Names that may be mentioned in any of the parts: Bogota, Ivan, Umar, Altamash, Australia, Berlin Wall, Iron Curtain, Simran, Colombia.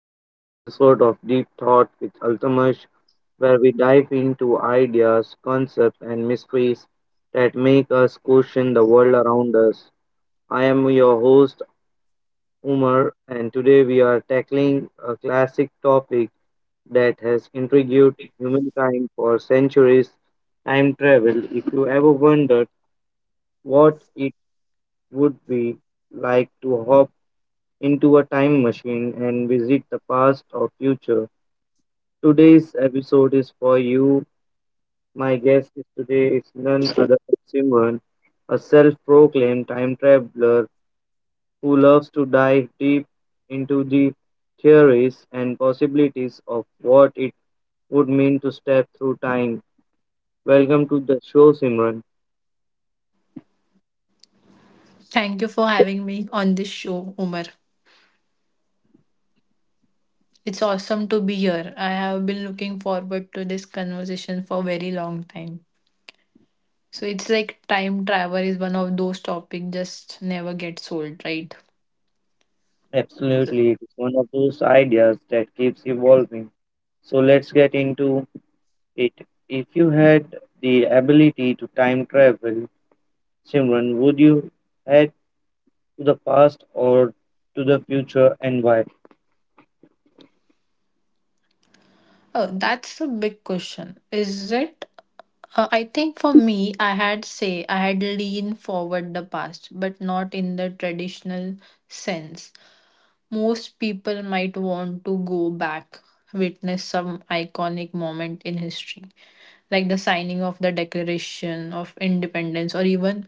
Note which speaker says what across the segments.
Speaker 1: another episode of Deep Thought with Altamash, where we dive into ideas, concepts, and mysteries that make us question the world around us. I am your host, Umar, and today we are tackling a classic topic that has intrigued humankind for centuries: time travel. If you ever wondered what it would be like to hop into a time machine and visit the past or future, today's episode is for you. My guest is today is none other than Simran, a self-proclaimed time traveler who loves to dive deep into the theories and possibilities of what it would mean to step through time. Welcome to the show, Simran.
Speaker 2: Thank you for having me on this show, Umar. It's awesome to be here. I have been looking forward to this conversation for a very long time. So it's like time travel is one of those topics just never gets old, right?
Speaker 1: Absolutely, it is one of those ideas that keeps evolving. So let's get into it. If you had the ability to time travel, Simran, would you head to the past or to the future and why?
Speaker 2: Oh, that's a big question. Is it? I think for me, I had say I had leaned forward the past, but not in the traditional sense. Most people might want to go back, witness some iconic moment in history, like the signing of the Declaration of Independence, or even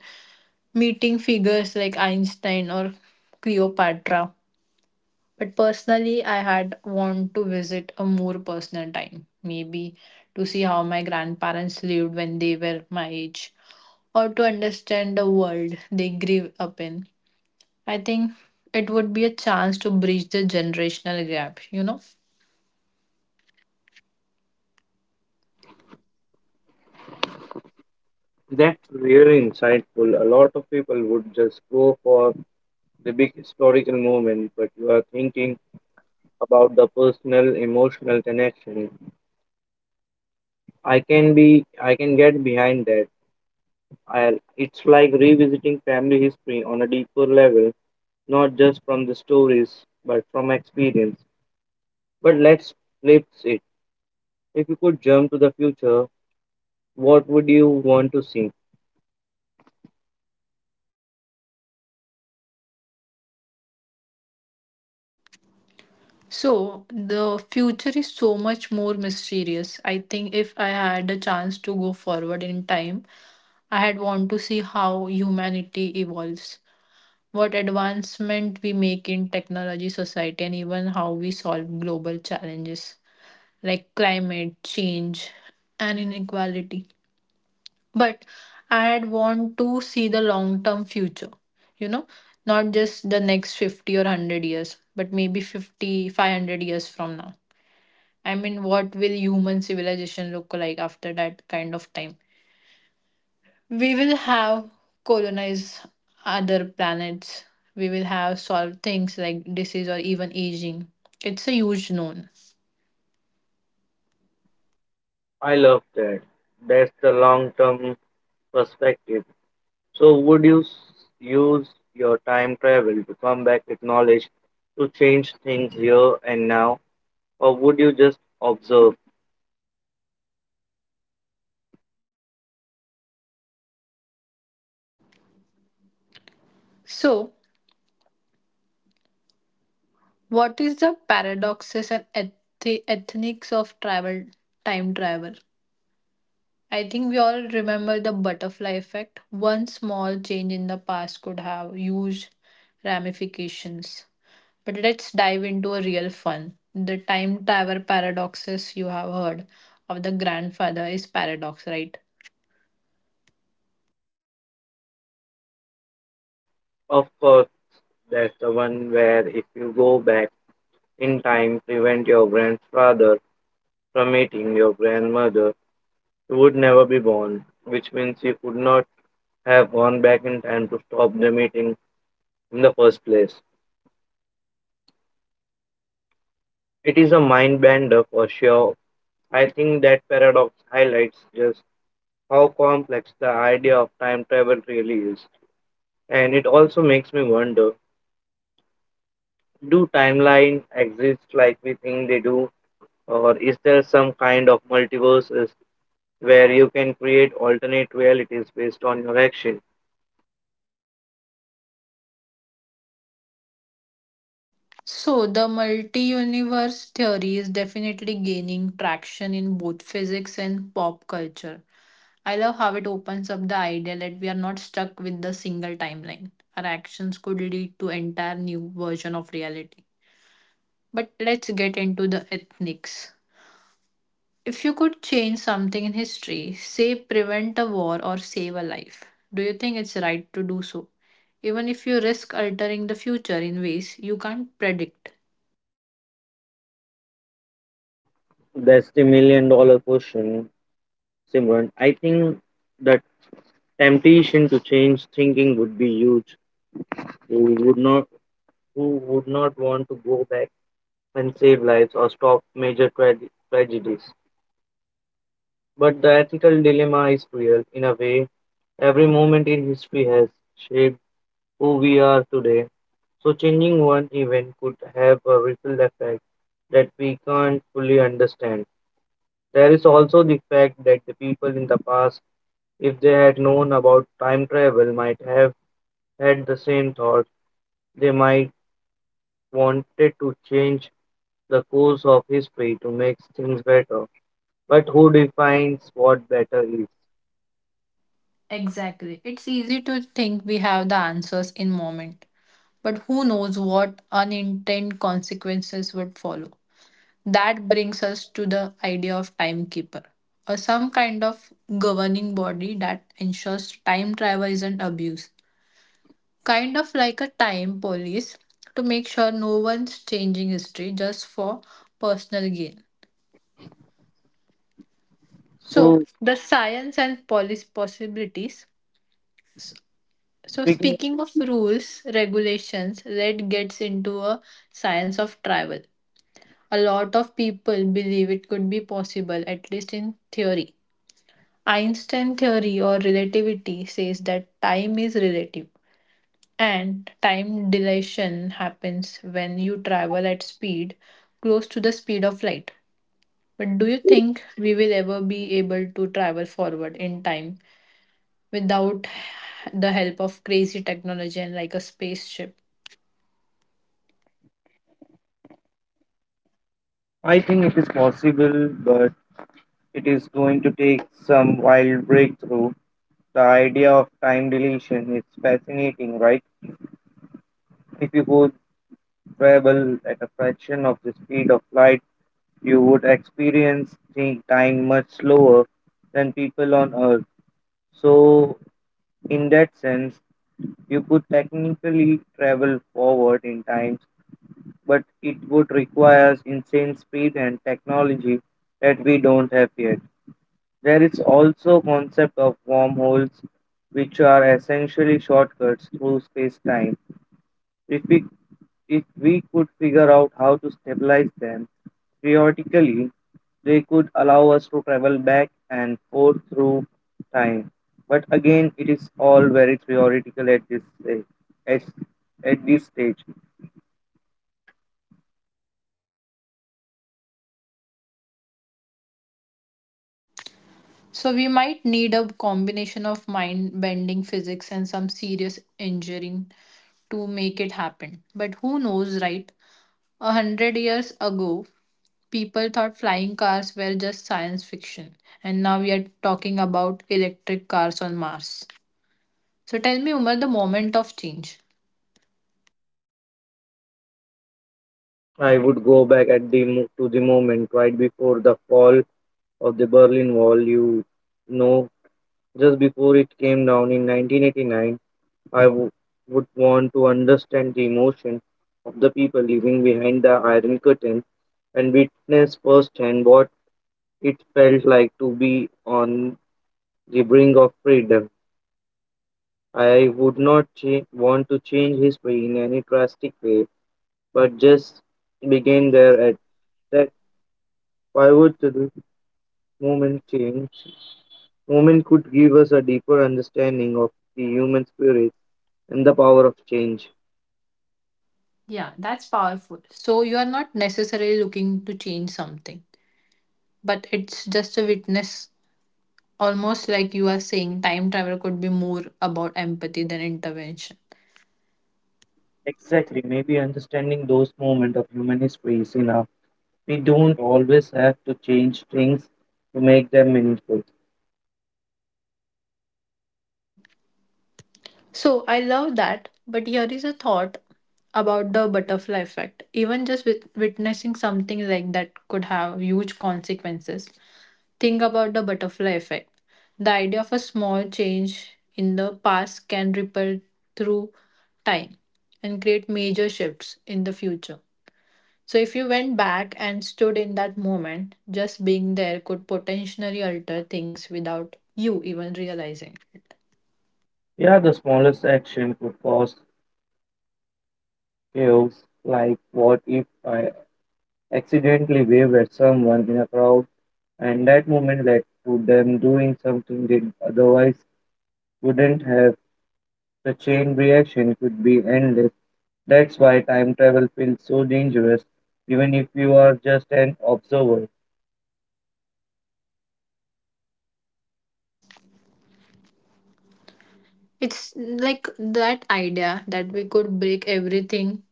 Speaker 2: meeting figures like Einstein or Cleopatra. But personally, I had want to visit a more personal time, maybe to see how my grandparents lived when they were my age, or to understand the world they grew up in. I think it would be a chance to bridge the generational gap.
Speaker 1: That's really insightful. A lot of people would just go for the big historical moment, but you are thinking about the personal, emotional connection. I can get behind that. It's like revisiting family history on a deeper level, not just from the stories, but from experience. But let's flip it. If you could jump to the future, what would you want to see?
Speaker 2: So the future is so much more mysterious. I think if I had a chance to go forward in time, I had want to see how humanity evolves, what advancement we make in technology, society, and even how we solve global challenges like climate change and inequality. But I'd want to see the long term future, you know, not just the next 50 or 100 years, but maybe 50, 500 years from now. I mean, what will human civilization look like after that kind of time? We will have colonized other planets, we will have solved things like disease or even aging. It's a huge known.
Speaker 1: I love that. That's the long term perspective. So, would you use your time travel to come back with knowledge to change things here and now, or would you just observe?
Speaker 2: So, what is the paradoxes and ethnics of travel time travel? I think we all remember the butterfly effect. One small change in the past could have huge ramifications. But let's dive into a real fun. The time travel paradoxes you have heard of the grandfather is paradox, right?
Speaker 1: Of course, that's the one where if you go back in time, prevent your grandfather from meeting your grandmother, you would never be born, which means you could not have gone back in time to stop the meeting in the first place. It is a mind bender for sure. I think that paradox highlights just how complex the idea of time travel really is. And it also makes me wonder: do timelines exist like we think they do, or is there some kind of multiverses where you can create alternate realities based on your action?
Speaker 2: So, the multi universe theory is definitely gaining traction in both physics and pop culture. I love how it opens up the idea that we are not stuck with the single timeline. Our actions could lead to entire new version of reality. But let's get into the ethnics. If you could change something in history, say prevent a war or save a life, do you think it's right to do so? Even if you risk altering the future in ways you can't predict.
Speaker 1: That's the million dollar question, Simran. I think the temptation to change thinking would be huge. We would not Who would not want to go back and save lives or stop major tragedies? But the ethical dilemma is real. In a way, every moment in history has shaped who we are today. So, changing one event could have a ripple effect that we can't fully understand. There is also the fact that the people in the past, if they had known about time travel, might have had the same thought. They might wanted to change the course of history to make things better. But who defines what better is?
Speaker 2: Exactly. It's easy to think we have the answers in moment, but who knows what unintended consequences would follow. That brings us to the idea of timekeeper, or some kind of governing body that ensures time travel isn't abused. Kind of like a time police to make sure no one's changing history just for personal gain. So,
Speaker 1: So,
Speaker 2: the science and policy possibilities. So,
Speaker 1: speaking,
Speaker 2: speaking of rules, regulations, that gets into a science of travel. A lot of people believe it could be possible, at least in theory Einstein theory or relativity says that time is relative and time dilation happens when you travel at speed close to the speed of light. But do you think we will ever be able to travel forward in time without the help of crazy technology and like a spaceship?
Speaker 1: I think it is possible, but it is going to take some wild breakthrough. The idea of time dilation is fascinating, right? If you could travel at a fraction of the speed of light, you would experience the time much slower than people on Earth. So, in that sense, you could technically travel forward in time, but it would require insane speed and technology that we don't have yet. There is also concept of wormholes, which are essentially shortcuts through space-time. If we if we could figure out how to stabilize them, theoretically, they could allow us to travel back and forth through time. But again, it is all very theoretical at this stage. At, at this stage,
Speaker 2: So we might need a combination of mind bending physics and some serious engineering to make it happen. But who knows, right? A hundred years ago, people thought flying cars were just science fiction, and now we are talking about electric cars on Mars. So tell me, Umar, the moment of change.
Speaker 1: I would go back to the moment right before the fall of the Berlin Wall. You know, just before it came down in 1989, I would want to understand the emotion of the people living behind the Iron Curtain and witness firsthand what it felt like to be on the brink of freedom. I would not want to change history in any drastic way, but just begin there at that pivotal moment change. Moment could give us a deeper understanding of the human spirit and the power of change.
Speaker 2: Yeah, that's powerful. So you are not necessarily looking to change something, but it's just a witness, almost like you are saying time travel could be more about empathy than intervention.
Speaker 1: Exactly. Maybe understanding those moments of human history is enough. We don't always have to change things to make them meaningful.
Speaker 2: So I love that, but here is a thought about the butterfly effect. Even just with witnessing something like that could have huge consequences. Think about the butterfly effect. The idea of a small change in the past can ripple through time and create major shifts in the future. So, if you went back and stood in that moment, just being there could potentially alter things without you even realizing. It.
Speaker 1: Yeah, the smallest action could cause chaos. Like, what if I accidentally waved at someone in a crowd and that moment led to them doing something they otherwise wouldn't have? The chain reaction could be endless. That's why time travel feels so dangerous, even if you are just an observer.
Speaker 2: It's like that idea that we could break everything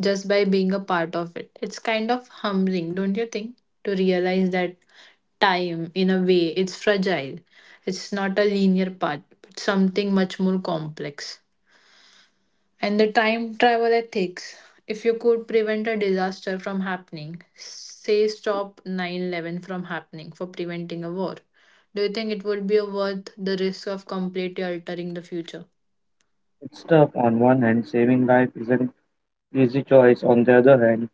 Speaker 2: just by being a part of it. It's kind of humbling, don't you think? To realize that time, in a way, it's fragile. It's not a linear path, but something much more complex. And the time travel ethics. If you could prevent a disaster from happening, say stop 9/11 from happening for preventing a war, do you think it would be worth the risk of completely altering the future?
Speaker 1: It's tough. On one hand, saving life is an easy choice. On the other hand,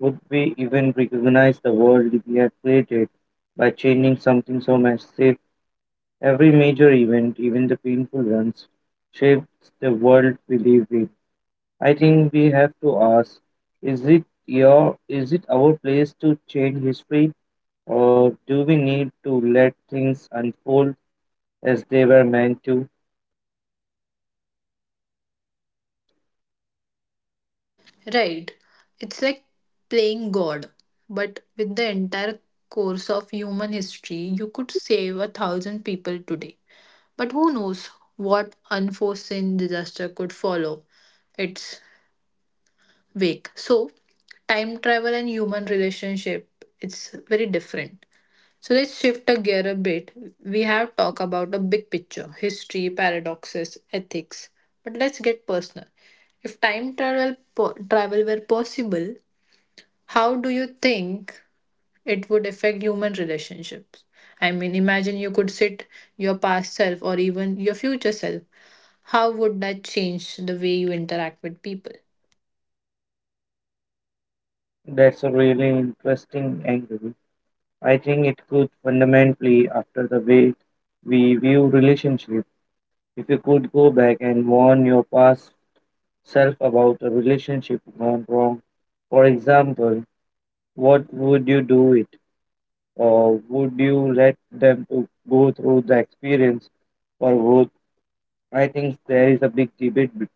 Speaker 1: would we even recognize the world we have created by changing something so massive? Every major event, even the painful ones, shapes the world we live in. I think we have to ask, is it our place to change history, or do we need to let things unfold as they were meant to?
Speaker 2: Right. It's like playing God, but with the entire course of human history, you could save a thousand people today. But who knows what unforeseen disaster could follow its wake. So, time travel and human relationship, it's very different. So let's shift a gear a bit. We have talked about a big picture, history, paradoxes, ethics, but let's get personal. If time travel travel were possible, how do you think it would affect human relationships? I mean, imagine you could sit your past self or even your future self. How would that change the way you interact with people?
Speaker 1: That's a really interesting angle. I think it could fundamentally after the way we view relationship. If you could go back and warn your past self about a relationship gone wrong, for example, what would you do it? Or would you let them to go through the experience for growth? I think there is a big debate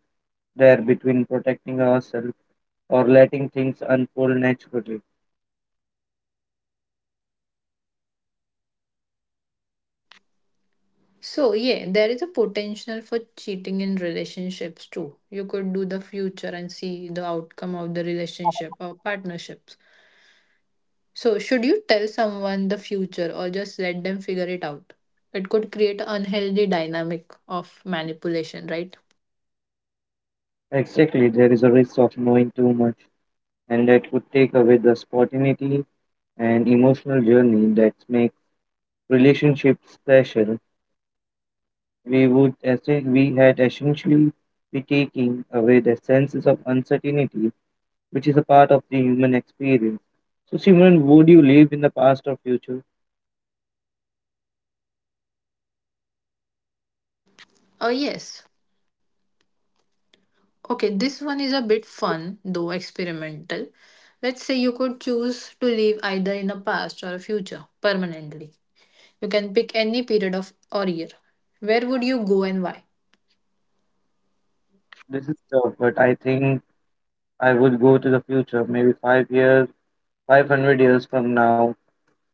Speaker 1: there between protecting ourselves or letting things unfold naturally.
Speaker 2: So, yeah, there is a potential for cheating in relationships too. You could do the future and see the outcome of the relationship or partnerships. So, should you tell someone the future or just let them figure it out? It could create an unhealthy dynamic of manipulation, right?
Speaker 1: Exactly, there is a risk of knowing too much and that could take away the spontaneity and emotional journey that makes relationships special. We would, as we had, essentially be taking away the senses of uncertainty, which is a part of the human experience. So, Simran, would you live in the past or future?
Speaker 2: Oh, yes. Okay, this one is a bit fun, though experimental. Let's say you could choose to live either in a past or a future permanently. You can pick any period of or year. Where would you go and why?
Speaker 1: This is tough, but I think I would go to the future, maybe 5 years, 500 years from now.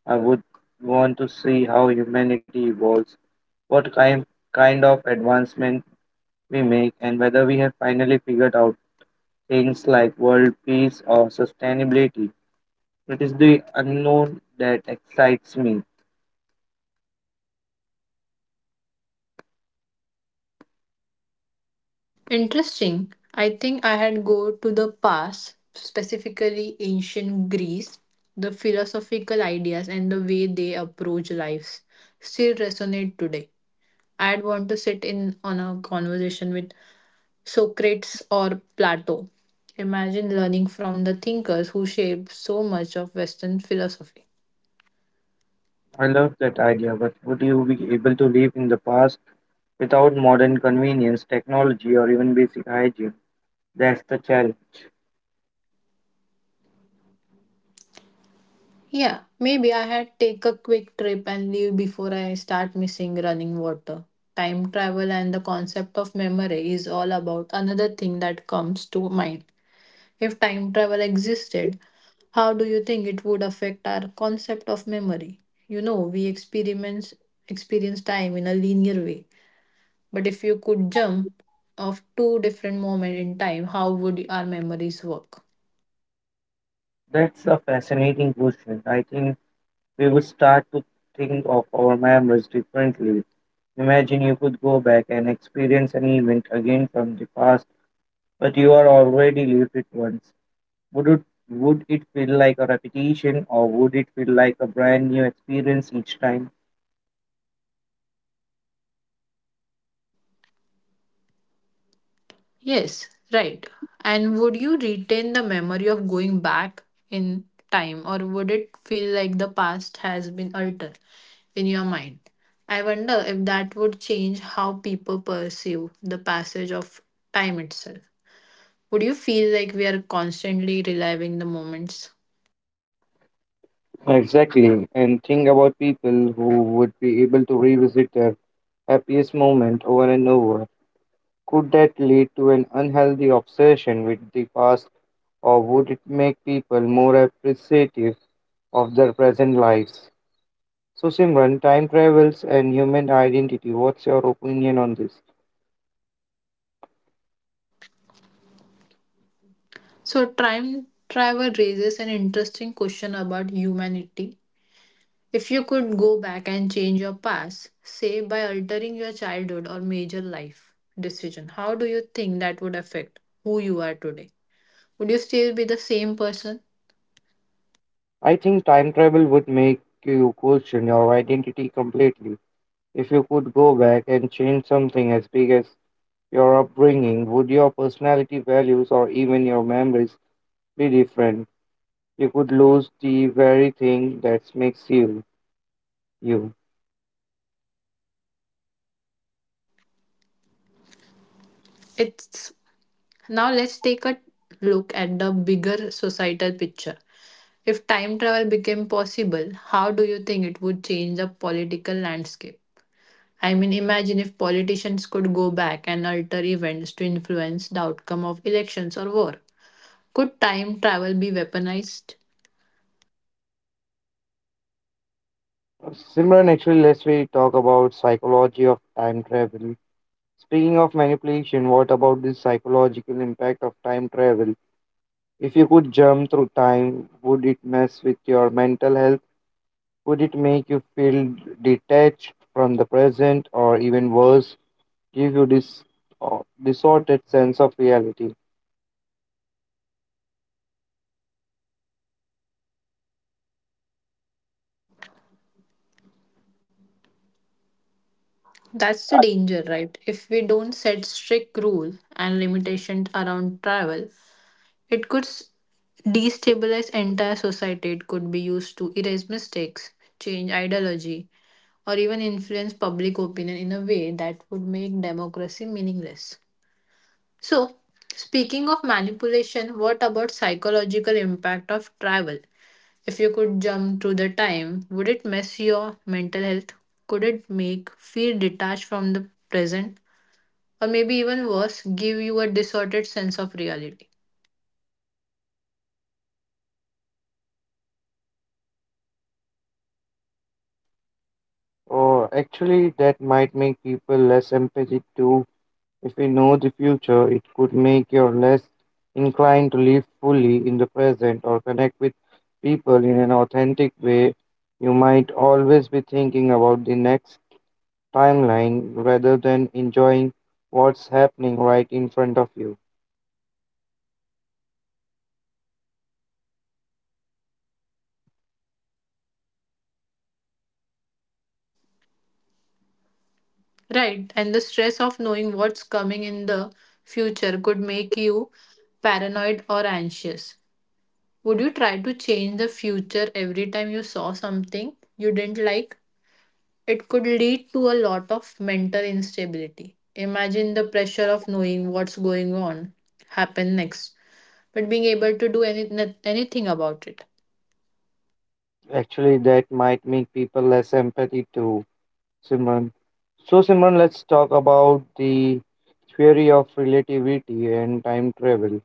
Speaker 1: I would want to see how humanity evolves, what kind of advancement we make and whether we have finally figured out things like world peace or sustainability. It is the unknown that excites me.
Speaker 2: Interesting. I think I had go to the past, specifically ancient Greece. The philosophical ideas and the way they approach lives still resonate today. I'd want to sit in on a conversation with Socrates or Plato. Imagine learning from the thinkers who shaped so much of Western philosophy.
Speaker 1: I love that idea, but would you be able to live in the past without modern convenience, technology, or even basic hygiene? That's the challenge.
Speaker 2: Yeah, maybe I had take a quick trip and leave before I start missing running water. Time travel and the concept of memory is all about another thing that comes to mind. If time travel existed, how do you think it would affect our concept of memory? You know, we experience time in a linear way. But if you could jump of two different moments in time, how would our memories work?
Speaker 1: That's a fascinating question. I think we would start to think of our memories differently. Imagine you could go back and experience an event again from the past, but you are already lived it once. Would it would it feel like a repetition or would it feel like a brand new experience each time?
Speaker 2: Yes, right. And would you retain the memory of going back in time, or would it feel like the past has been altered in your mind? I wonder if that would change how people perceive the passage of time itself. Would you feel like we are constantly reliving the moments?
Speaker 1: Exactly. And think about people who would be able to revisit their happiest moment over and over. Could that lead to an unhealthy obsession with the past, or would it make people more appreciative of their present lives? So, Simran, time travels and human identity, what's your opinion on this?
Speaker 2: So, time travel raises an interesting question about humanity. If you could go back and change your past, say by altering your childhood or major life decision, how do you think that would affect who you are today? Would you still be the same person?
Speaker 1: I think time travel would make you question your identity completely. If you could go back and change something as big as your upbringing, would your personality, values, or even your memories be different? You could lose the very thing that makes you you.
Speaker 2: It's now let's take a look at the bigger societal picture. If time travel became possible, how do you think it would change the political landscape? I mean, imagine if politicians could go back and alter events to influence the outcome of elections or war. Could time travel be weaponized?
Speaker 1: Simran, actually, let's we talk about psychology of time travel. Speaking of manipulation, what about the psychological impact of time travel? If you could jump through time, would it mess with your mental health? Would it make you feel detached from the present or even worse, give you this distorted sense of reality?
Speaker 2: That's the danger, right? If we don't set strict rules and limitations around travel, it could s- destabilize entire society. It could be used to erase mistakes, change ideology, or even influence public opinion in a way that would make democracy meaningless. So, speaking of manipulation, what about psychological impact of travel? If you could jump through the time, would it mess your mental health? Could it make feel detached from the present? Or maybe even worse, give you a distorted sense of reality.
Speaker 1: Or actually, that might make people less empathetic too. If we know the future, it could make you less inclined to live fully in the present or connect with people in an authentic way. You might always be thinking about the next timeline rather than enjoying what's happening right in front of you.
Speaker 2: Right, and the stress of knowing what's coming in the future could make you paranoid or anxious. Would you try to change the future every time you saw something you didn't like? It could lead to a lot of mental instability. Imagine the pressure of knowing what's going on, happen next, but being able to do anything about it.
Speaker 1: Actually, that might make people less empathy too, Simran. So, Simran, let's talk about the theory of relativity and time travel.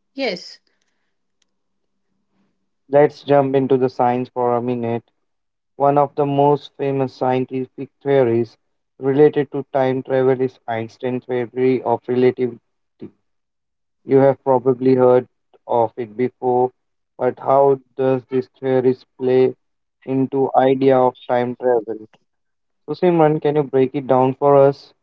Speaker 2: Yes.
Speaker 1: Let's jump into the science for a minute. One of the most famous scientific theories related to time travel is Einstein's theory of relativity. You have probably heard of it before, but how does this theory play into idea of time travel? So, Simran, can you break it down for us?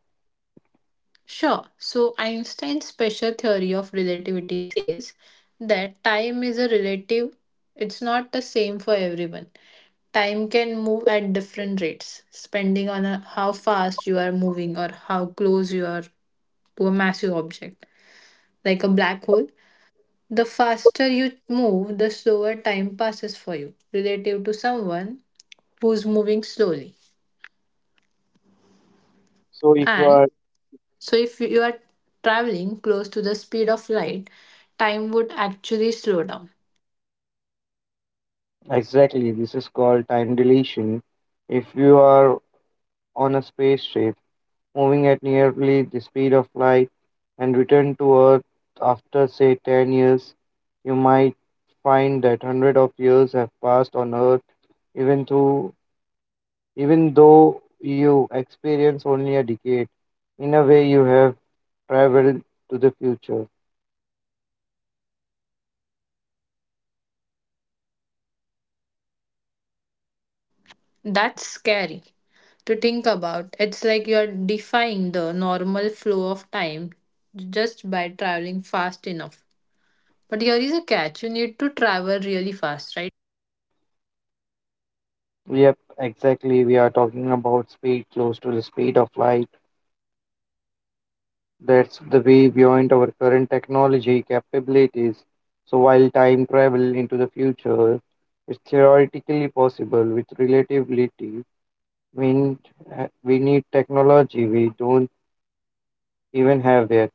Speaker 2: Sure. So Einstein's special theory of relativity says that time is a relative, it's not the same for everyone. Time can move at different rates, depending on how fast you are moving or how close you are to a massive object, like a black hole. The faster you move, the slower time passes for you, relative to someone who's moving slowly.
Speaker 1: So, if you
Speaker 2: And
Speaker 1: are
Speaker 2: So, if you are traveling close to the speed of light, time would actually slow down.
Speaker 1: Exactly, this is called time dilation. If you are on a spaceship moving at nearly the speed of light and return to Earth after, say, 10 years, you might find that hundreds of years have passed on Earth, even though, even though you experience only a decade. In a way, you have traveled to the future.
Speaker 2: That's scary to think about. It's like you are defying the normal flow of time just by traveling fast enough. But here is a catch you need to travel really fast, right?
Speaker 1: Yep, exactly. We are talking about speed close to the speed of light. That's the way beyond our current technology capabilities. So, while time travel into the future is theoretically possible with relativity, we need, we need technology we don't even have yet.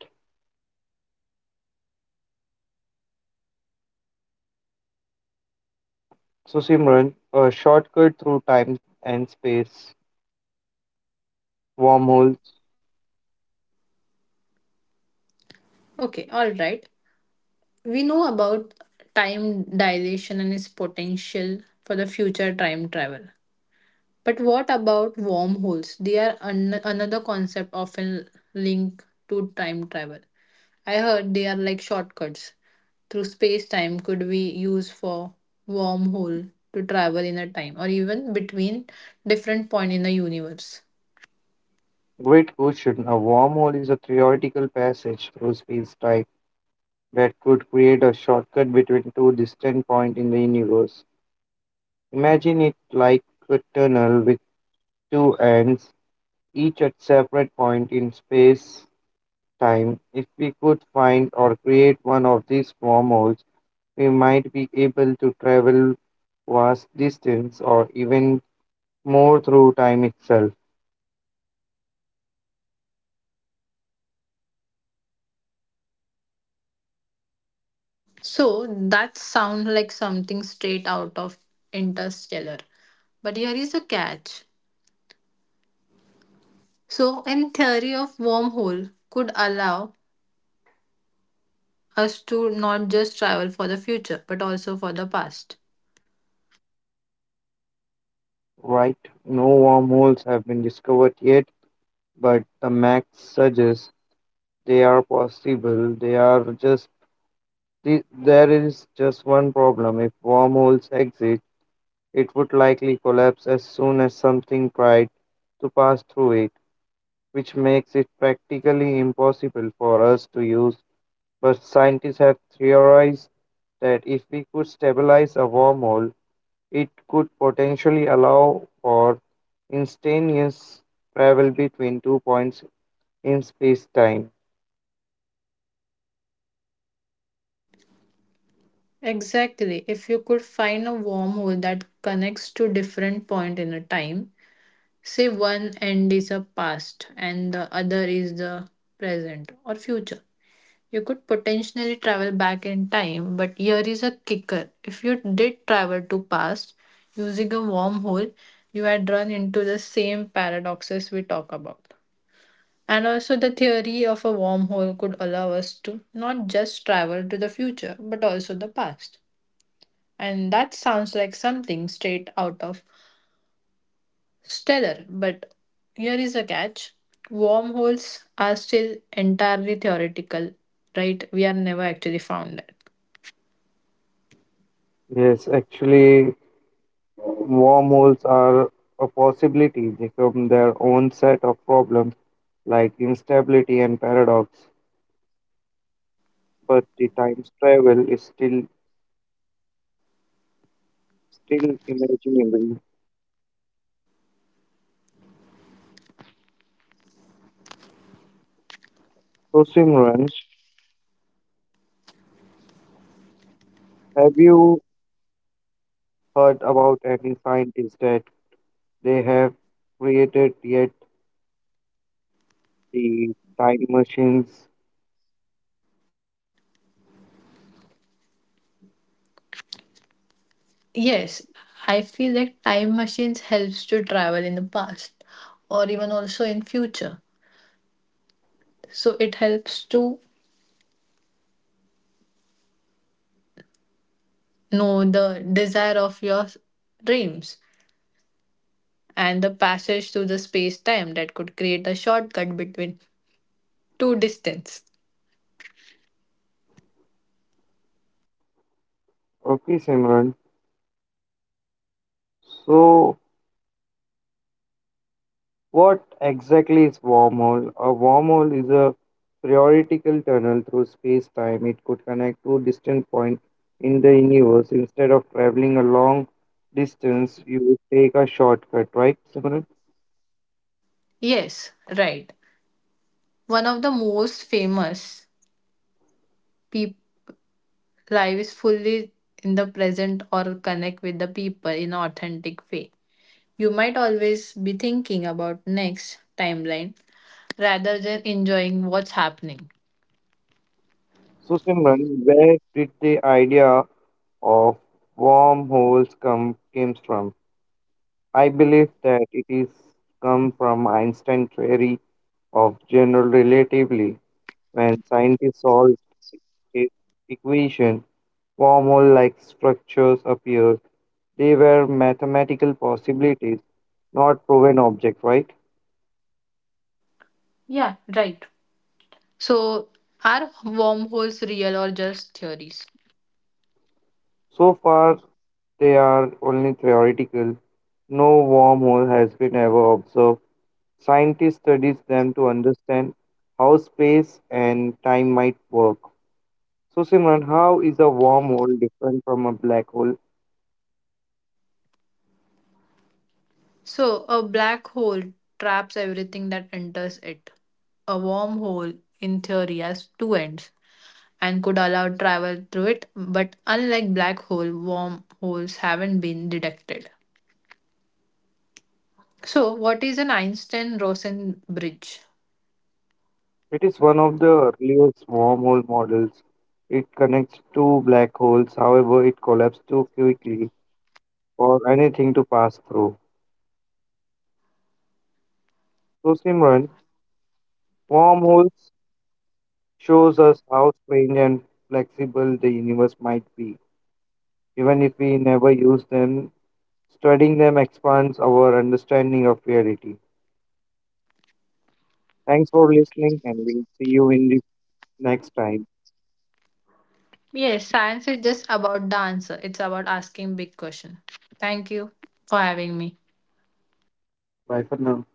Speaker 1: So, Simran, a shortcut through time and space, wormholes.
Speaker 2: Okay, all right. We know about time dilation and its potential for the future time travel. But what about wormholes? They are another concept often linked to time travel. I heard they are like shortcuts through space time could we use for wormhole to travel in a time or even between different point in the universe.
Speaker 1: Great question. A wormhole is a theoretical passage through space time that could create a shortcut between two distant points in the universe. Imagine it like a tunnel with two ends, each at separate points in space time. If we could find or create one of these wormholes, we might be able to travel vast distance or even more through time itself.
Speaker 2: So that sounds like something straight out of Interstellar. But here is the catch. So, in theory of wormhole could allow us to not just travel for the future, but also for the past.
Speaker 1: Right? No wormholes have been discovered yet, but the max suggests they are possible. They are just There is just one problem. If wormholes exist, it would likely collapse as soon as something tried to pass through it, which makes it practically impossible for us to use. But scientists have theorized that if we could stabilize a wormhole, it could potentially allow for instantaneous travel between two points in space time.
Speaker 2: Exactly. If you could find a wormhole that connects to different point in a time, say one end is a past and the other is the present or future. You could potentially travel back in time, but here is a kicker. If you did travel to past using a wormhole, you had run into the same paradoxes we talk about. And also, the theory of a wormhole could allow us to not just travel to the future, but also the past. And that sounds like something straight out of Stellar. But here is a catch wormholes are still entirely theoretical, right? We are never actually found it.
Speaker 1: Yes, actually, wormholes are a possibility. They come their own set of problems like instability and paradox. But the time travel is still imaginable. So Simran, have you heard about any scientists that they have created yet the time machines?
Speaker 2: Yes, I feel like time machines helps to travel in the past or even also in future. So it helps to know the desire of your dreams and the passage through the space time that could create a shortcut between two distance.
Speaker 1: Okay, Simran. So, what exactly is wormhole? A wormhole is a theoretical tunnel through space-time. It could connect two distant points in the universe. Instead of traveling a long distance, you would take a shortcut, right, Simran?
Speaker 2: Yes, right. One of the most famous peop life fully in the present or connect with the people in authentic way. You might always be thinking about next timeline rather than enjoying what's happening.
Speaker 1: So, Simran, where did the idea of wormholes come came from? I believe that it is come from Einstein's theory of general relativity. When scientists solved his equation, wormhole like structures appeared. They were mathematical possibilities, not proven objects, right?
Speaker 2: Yeah, right. So are wormholes real or just theories?
Speaker 1: So far, they are only theoretical. No wormhole has been ever observed. Scientists studies them to understand how space and time might work. So Simran, how is a wormhole different from a black hole?
Speaker 2: So, a black hole traps everything that enters it. A wormhole, in theory, has two ends and could allow travel through it, but unlike black hole, wormholes haven't been detected. So, what is an Einstein Rosen bridge?
Speaker 1: It is one of the earliest wormhole models. It connects two black holes, however, it collapsed too quickly or anything to pass through. So, Simran, wormholes shows us how strange and flexible the universe might be, even if we never use them. Studying them expands our understanding of reality. Thanks for listening, and we'll see you in the next time.
Speaker 2: Yes, science is just about the answer, it's about asking big question. Thank you for having me.
Speaker 1: Bye for now.